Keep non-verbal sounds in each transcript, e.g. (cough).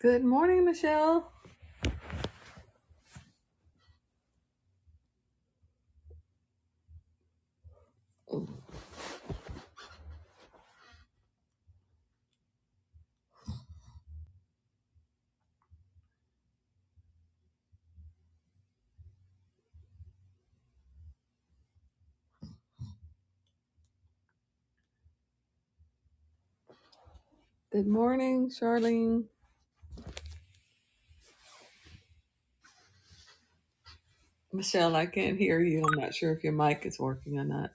Good morning, Michelle. Good morning, Charlene. Michelle, I can't hear you. I'm not sure if your mic is working or not.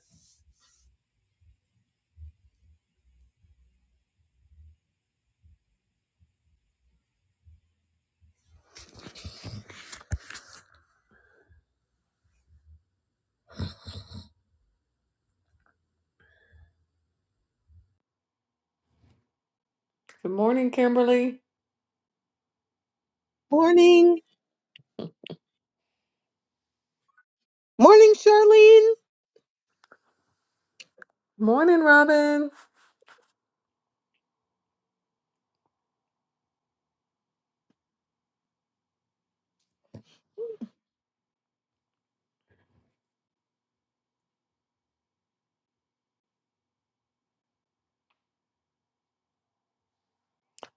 Good morning, Kimberly. Morning. Morning, Charlene. Morning, Robin.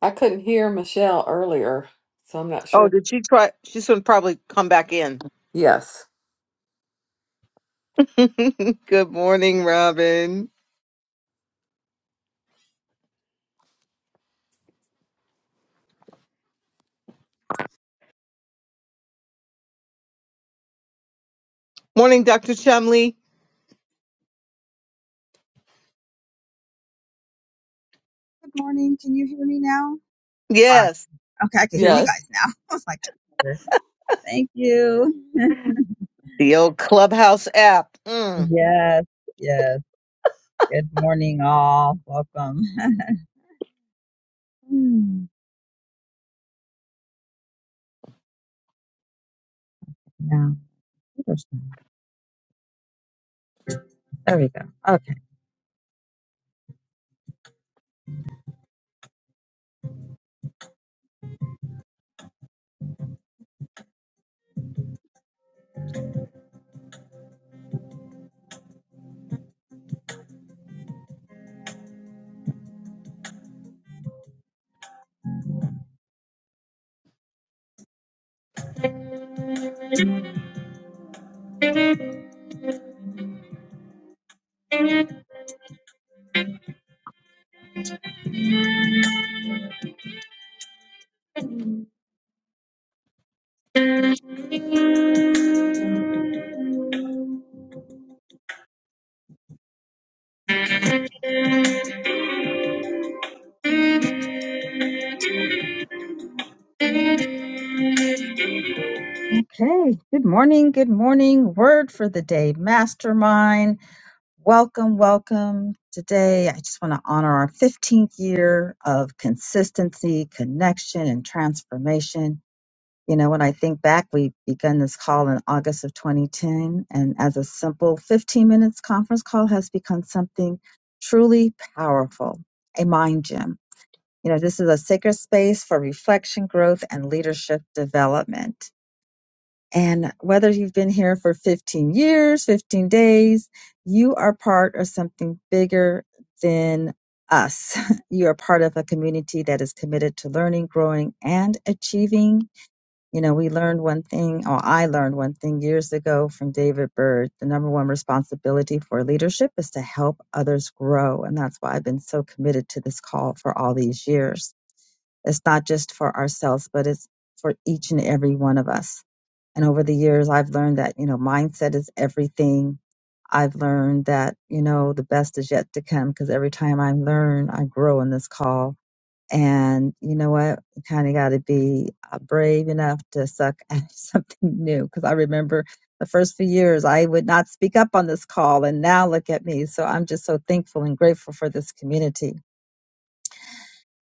I couldn't hear Michelle earlier, so I'm not Oh, sure. did she try? She's going to probably come back in. Yes. (laughs) Good morning, Robin. Morning, Dr. Chumley. Good morning. Can you hear me now? Ah, Yes, Okay, I can hear you Yes. guys now. (laughs) I was like, "Okay, thank you. (laughs) the old Clubhouse app. Mm. yes, yes. Good morning, all. Welcome. (laughs) Hmm, now, there's no- there we go. Okay. Okay. Good morning. Good morning. Word for the day, mastermind. Welcome, welcome. Today, I just want to honor our 15th year of consistency, connection, and transformation. You know, when I think back, we began this call in August of 2010, and as a simple 15 minutes conference call has become something truly powerful, a mind gym. You know, this is a sacred space for reflection, growth, and leadership development. And whether you've been here for 15 years, 15 days, you are part of something bigger than us. (laughs) You are part of a community that is committed to learning, growing, and achieving you know, we learned one thing, or I learned one thing years ago from David Byrd. The number one responsibility for leadership is to help others grow. And that's why I've been so committed to this call for all these years. It's not just for ourselves, but it's for each and every one of us. And over the years, I've learned that, you know, mindset is everything. I've learned that, you know, the best is yet to come because every time I learn, I grow in this call and you know what? You kind of got to be uh, brave enough to suck at (laughs) something new. Because I remember the first few years, I would not speak up on this call, and now look at me. So I'm just so thankful and grateful for this community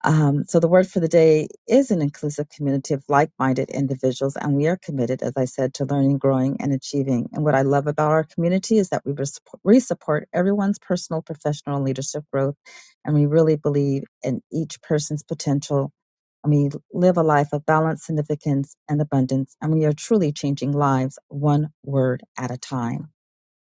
um, so the word for the day is an inclusive community of like-minded individuals, and we are committed, as I said, to learning, growing, and achieving. And what I love about our community is that we res- we support everyone's personal, professional, and leadership growth, and we really believe in each person's potential. And we live a life of balance, significance, and abundance, and we are truly changing lives one word at a time.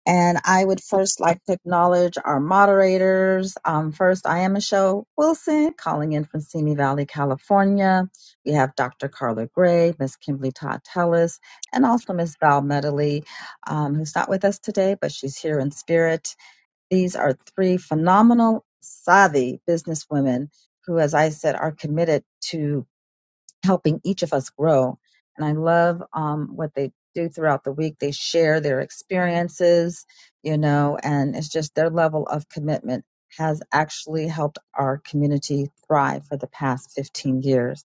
And I would first like to acknowledge our moderators. Um, first, I am Michelle Wilson, calling in from Simi Valley, California. We have Dr. Carla Gray, Miss Kimberly Todd Tellis, and also Miss Val Medley, um, who's not with us today, but she's here in spirit. These are three phenomenal, savvy businesswomen who, as I said, are committed to helping each of us grow. And I love um, what they do throughout the week. They share their experiences, you know, and it's just their level of commitment has actually helped our community thrive for the past 15 years.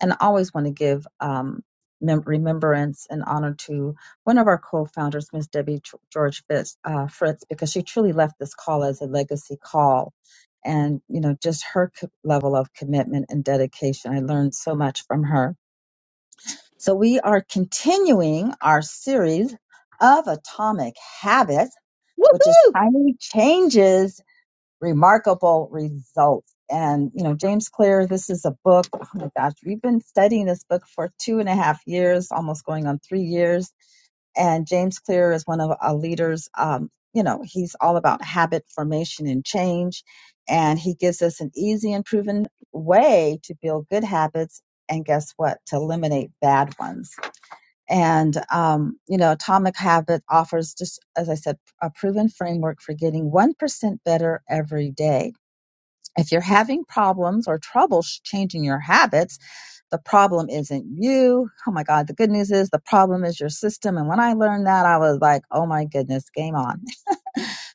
And I always want to give um, mem- remembrance and honor to one of our co-founders, Miss Debbie George Fitz, uh, Fritz, because she truly left this call as a legacy call and you know just her co- level of commitment and dedication i learned so much from her so we are continuing our series of atomic habits which is Woohoo! tiny changes remarkable results and you know james clear this is a book oh my gosh we've been studying this book for two and a half years almost going on three years and James Clear is one of our leaders. Um, you know, he's all about habit formation and change. And he gives us an easy and proven way to build good habits. And guess what? To eliminate bad ones. And, um, you know, Atomic Habit offers just, as I said, a proven framework for getting 1% better every day. If you're having problems or trouble sh- changing your habits, the problem isn't you. Oh my God. The good news is the problem is your system. And when I learned that, I was like, oh my goodness, game on.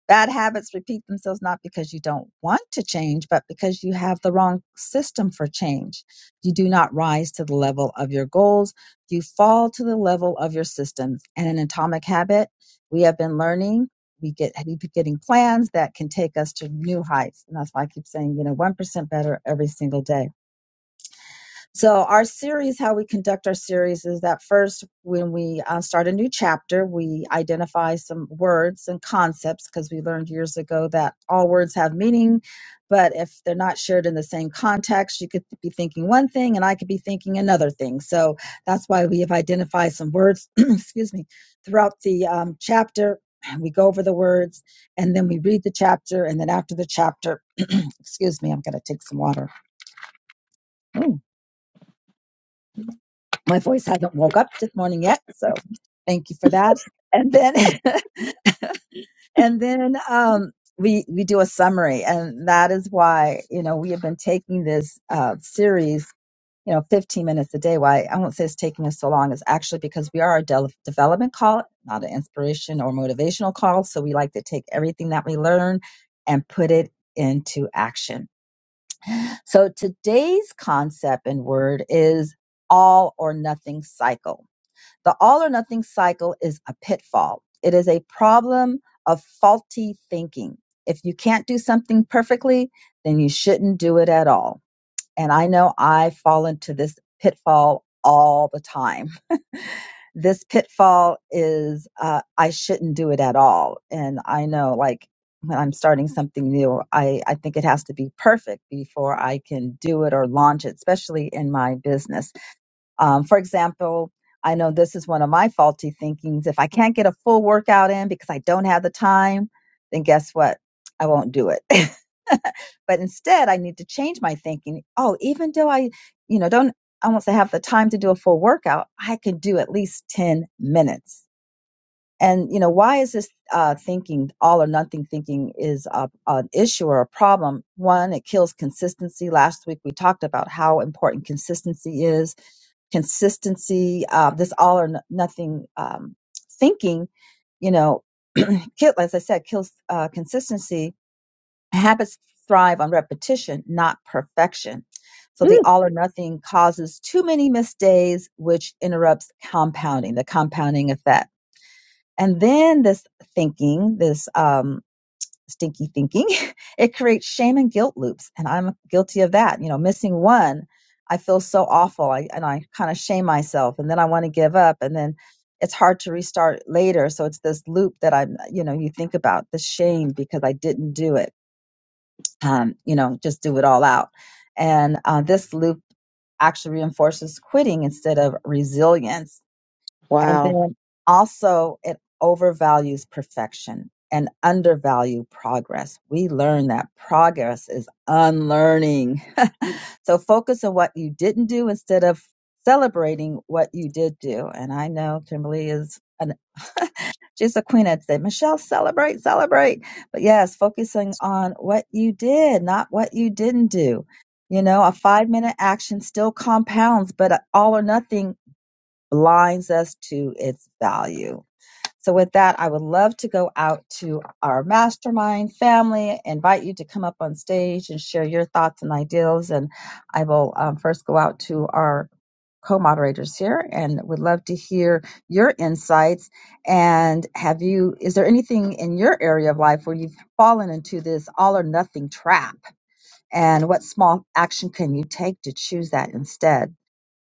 Bad habits repeat themselves not because you don't want to change, but because you have the wrong system for change. You do not rise to the level of your goals. You fall to the level of your systems. And in atomic habit, we have been learning. We get we be getting plans that can take us to new heights. And that's why I keep saying, you know, 1% better every single day. So our series, how we conduct our series is that first, when we uh, start a new chapter, we identify some words and concepts because we learned years ago that all words have meaning, but if they're not shared in the same context, you could be thinking one thing and I could be thinking another thing. So that's why we have identified some words, (clears throat) excuse me, throughout the um, chapter. And we go over the words and then we read the chapter. And then after the chapter, excuse me, I'm going to take some water. Ooh. my voice hasn't woke up this morning yet so thank you for that and then (laughs) and then um we we do a summary and that is why you know we have been taking this uh series you know 15 minutes a day why i won't say it's taking us so long is actually because we are a del development call not an inspiration or motivational call so we like to take everything that we learn and put it into action so today's concept and word is all or nothing cycle the all or nothing cycle is a pitfall. It is a problem of faulty thinking. If you can't do something perfectly, then you shouldn't do it at all. And I know I fall into this pitfall all the time. (laughs) This pitfall is uh, I shouldn't do it at all. And I know, like, when I'm starting something new, I, I think it has to be perfect before I can do it or launch it, especially in my business um, for example, I know this is one of my faulty thinkings. If I can't get a full workout in because I don't have the time, then guess what? I won't do it. (laughs) but instead, I need to change my thinking. Oh, even though I, you know, don't I won't say have the time to do a full workout, I can do at least 10 minutes. And, you know, why is this uh, thinking, all or nothing thinking is a, an issue or a problem? One, it kills consistency. Last week we talked about how important consistency is consistency, uh, this all or no- nothing um, thinking, you know, kill, as I said, kills uh, consistency. Habits thrive on repetition, not perfection. So the Mm. all or nothing causes too many missed days, which interrupts compounding, the compounding effect. And then this thinking, this um, stinky thinking, (laughs) it creates shame and guilt loops. And I'm guilty of that. You know, missing one, I feel so awful. I, and I kind of shame myself. And then I want to give up. And then it's hard to restart later. So it's this loop that I'm, you know, you think about the shame because I didn't do it. Um, you know, just do it all out. And uh, this loop actually reinforces quitting instead of resilience and Wow. then also, it overvalues perfection and undervalue progress. We learn that progress is unlearning. So focus on what you didn't do instead of celebrating what you did do. And I know Kimberly is an, she's a queen at that. Michelle, celebrate, celebrate. But yes, focusing on what you did, not what you didn't do. You know, a five minute action still compounds, but all or nothing blinds us to its value. So, with that, I would love to go out to our mastermind family, invite you to come up on stage and share your thoughts and ideals. And I will um, first go out to our co moderators here and would love to hear your insights. And have you, is there anything in your area of life where you've fallen into this all or nothing trap? And what small action can you take to choose that instead?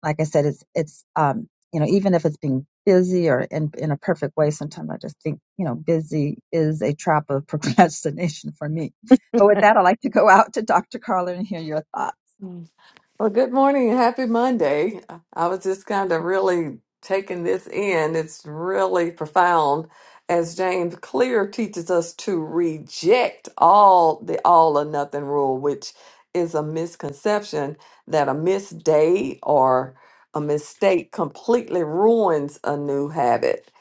like I said, it's it's um, you know even if it's being busy or in in a perfect way, sometimes I just think you know busy is a trap of (laughs) procrastination for me. But with that, I'd like to go out to Dr. Carla and hear your thoughts. Well, good morning and happy Monday. Uh, I was just kind of really taking this in. It's really profound as James Clear teaches us to reject all the all or nothing rule, which is a misconception that a missed day or a mistake completely ruins a new habit.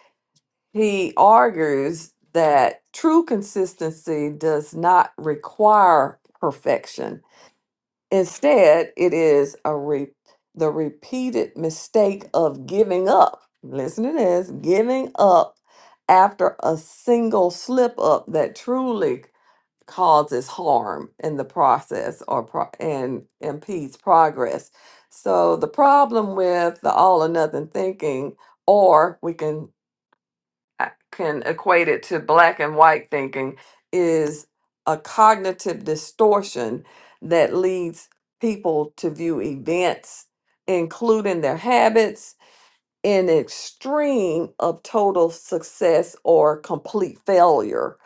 He argues that true consistency does not require perfection Instead, it is a re- the repeated mistake of giving up. Listen to this giving up after a single slip up that truly causes harm in the process or pro- and impedes progress. So, the problem with the all or nothing thinking, or we can I can equate it to black and white thinking is a cognitive distortion that leads people to view events, including their habits, in extreme of total success or complete failure.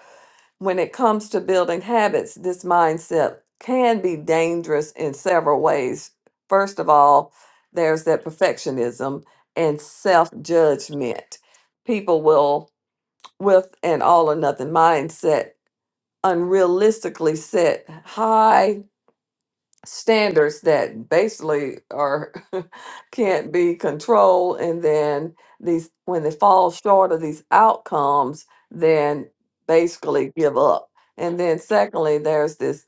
When it comes to building habits, this mindset can be dangerous in several ways. First of all, there's that perfectionism and self judgment. People will with an all or nothing mindset, unrealistically set high standards that basically are (laughs) can't be controlled and then these when they fall short of these outcomes then basically give up and then secondly there's this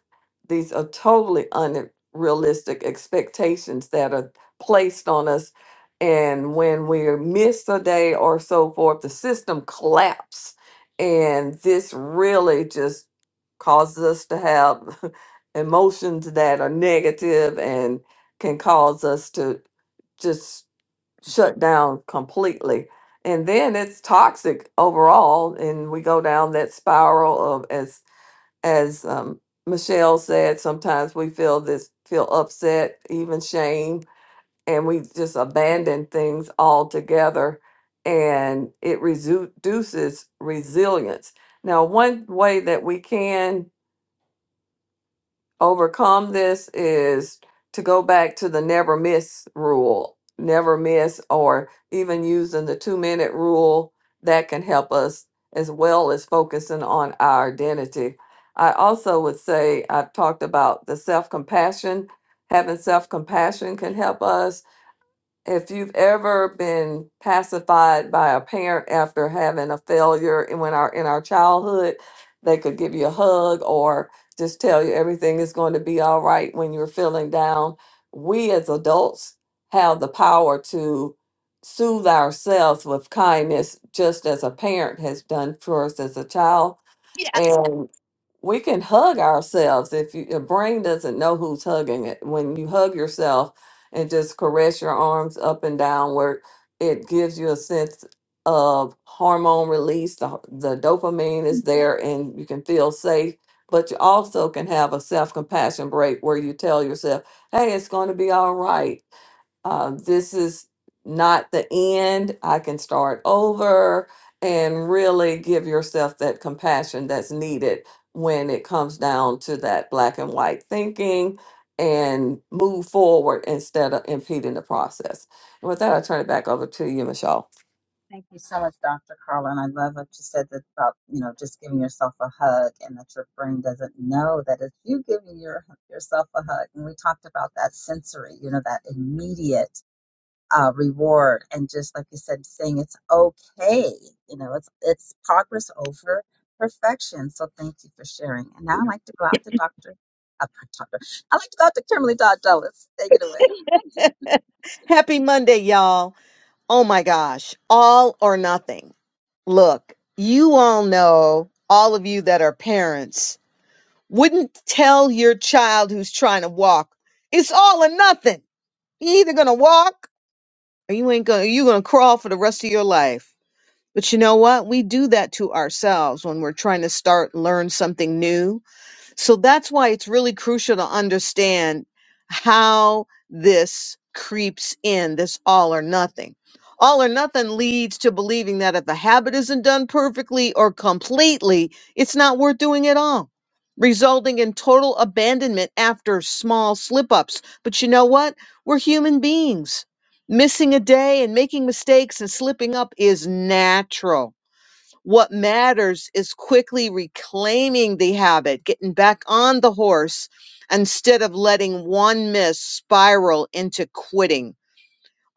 these are totally unrealistic expectations that are placed on us and when we miss a day or so forth the system collapse and this really just causes us to have (laughs) emotions that are negative and can cause us to just shut down completely. And then it's toxic overall, and we go down that spiral of as as um, Michelle said. Sometimes we feel this, feel upset, even shame, and we just abandon things altogether, and it resu- reduces resilience. Now, one way that we can overcome this is to go back to the never miss rule, never miss, or even using the two minute rule that can help us as well as focusing on our identity. I also would say I've talked about the self compassion. Having self compassion can help us if you've ever been pacified by a parent after having a failure in when our in our childhood, they could give you a hug or just tell you everything is going to be all right when you're feeling down. We as adults have the power to soothe ourselves with kindness just as a parent has done for us as a child Yes. and we can hug ourselves if you, your brain doesn't know who's hugging it. When you hug yourself and just caress your arms up and downward, it gives you a sense of hormone release. The, ho- the dopamine is there and you can feel safe. But you also can have a self compassion break where you tell yourself, hey, it's going to be all right uh, this is not the end. I can start over and really give yourself that compassion that's needed when it comes down to that black and white thinking and move forward instead of impeding the process. And with that, I turn it back over to you, Michelle. Thank you so much, Dr. Carla. And I love what you said that about, you know, just giving yourself a hug and that your brain doesn't know that it's you giving your, yourself a hug. And we talked about that sensory, you know, that immediate uh, reward and just like you said saying it's okay you know it's it's progress over perfection so thank you for sharing and now i'd like to go out to dr uh, dr i'd like to go out to kimberly dodd Ellis. take it away (laughs) Happy Monday, y'all. Oh my gosh. All or nothing. Look, you all know, all of you that are parents, wouldn't tell your child who's trying to walk, it's all or nothing. you either going to walk or you ain't gonna you gonna crawl for the rest of your life. But you know what? We do that to ourselves when we're trying to start learn something new so that's why it's really crucial to understand how this creeps in, this all or nothing. All or nothing leads to believing that if a habit isn't done perfectly or completely, it's not worth doing at all, resulting in total abandonment after small slip ups. But you know what? We're human beings. Missing a day and making mistakes and slipping up is natural what matters is quickly reclaiming the habit, getting back on the horse instead of letting one miss spiral into quitting.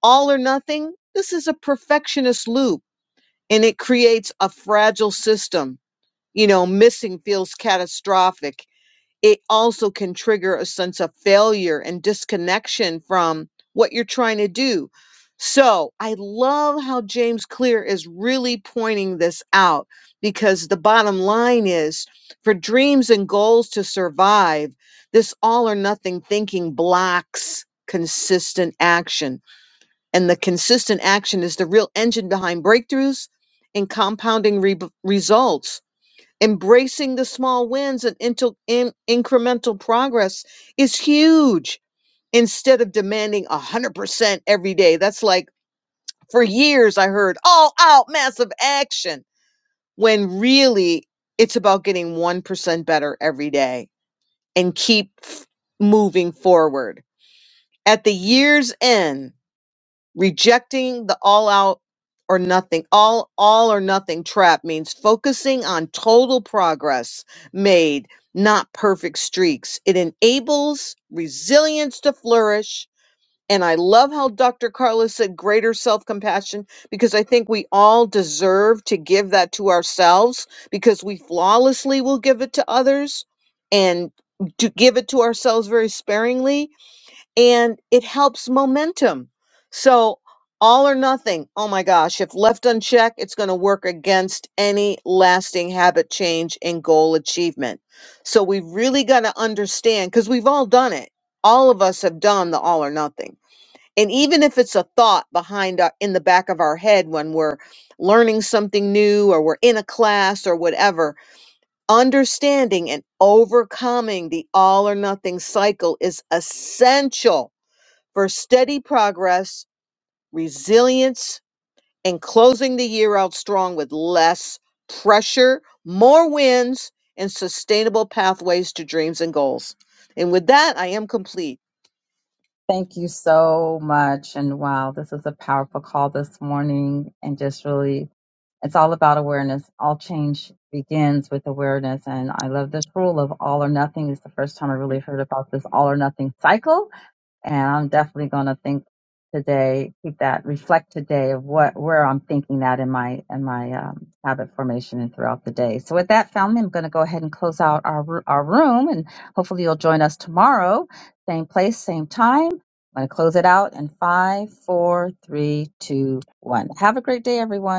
All or nothing, this is a perfectionist loop and it creates a fragile system. You know, missing feels catastrophic it also can trigger a sense of failure and disconnection from what you're trying to do. So I love how James Clear is really pointing this out because the bottom line is for dreams and goals to survive, this all or nothing thinking blocks consistent action. And the consistent action is the real engine behind breakthroughs and compounding re- results embracing the small wins and into, in, incremental progress is huge instead of demanding 100% every day. That's like for years I heard all out massive action when really it's about getting 1% better every day and keep f- moving forward. At the year's end, rejecting the all out or nothing all all or nothing trap means focusing on total progress made not perfect streaks it enables resilience to flourish and i love how dr Carla said greater self-compassion because i think we all deserve to give that to ourselves because we flawlessly will give it to others and to give it to ourselves very sparingly and it helps momentum. So, all or nothing, oh my gosh, if left unchecked, it's going to work against any lasting habit change and goal achievement. So, we really got to understand because we've all done it. All of us have done the all or nothing. And even if it's a thought behind our, in the back of our head when we're learning something new or we're in a class or whatever, understanding and overcoming the all or nothing cycle is essential for steady progress, resilience, and closing the year out strong with less pressure, more wins, and sustainable pathways to dreams and goals. And with that, I am complete. Thank you so much. And wow, this is a powerful call this morning. And just really, it's all about awareness. All change begins with awareness. And I love this rule of all or nothing. It's the first time I really heard about this all or nothing cycle. And I'm definitely going to think today, keep that, reflect today of what, where I'm thinking that in my, in my um, habit formation and throughout the day. So with that, family, I'm going to go ahead and close out our, ru- our room and hopefully you'll join us tomorrow. Same place, same time. I'm going to close it out in five, four, three, two, one. Have a great day, everyone.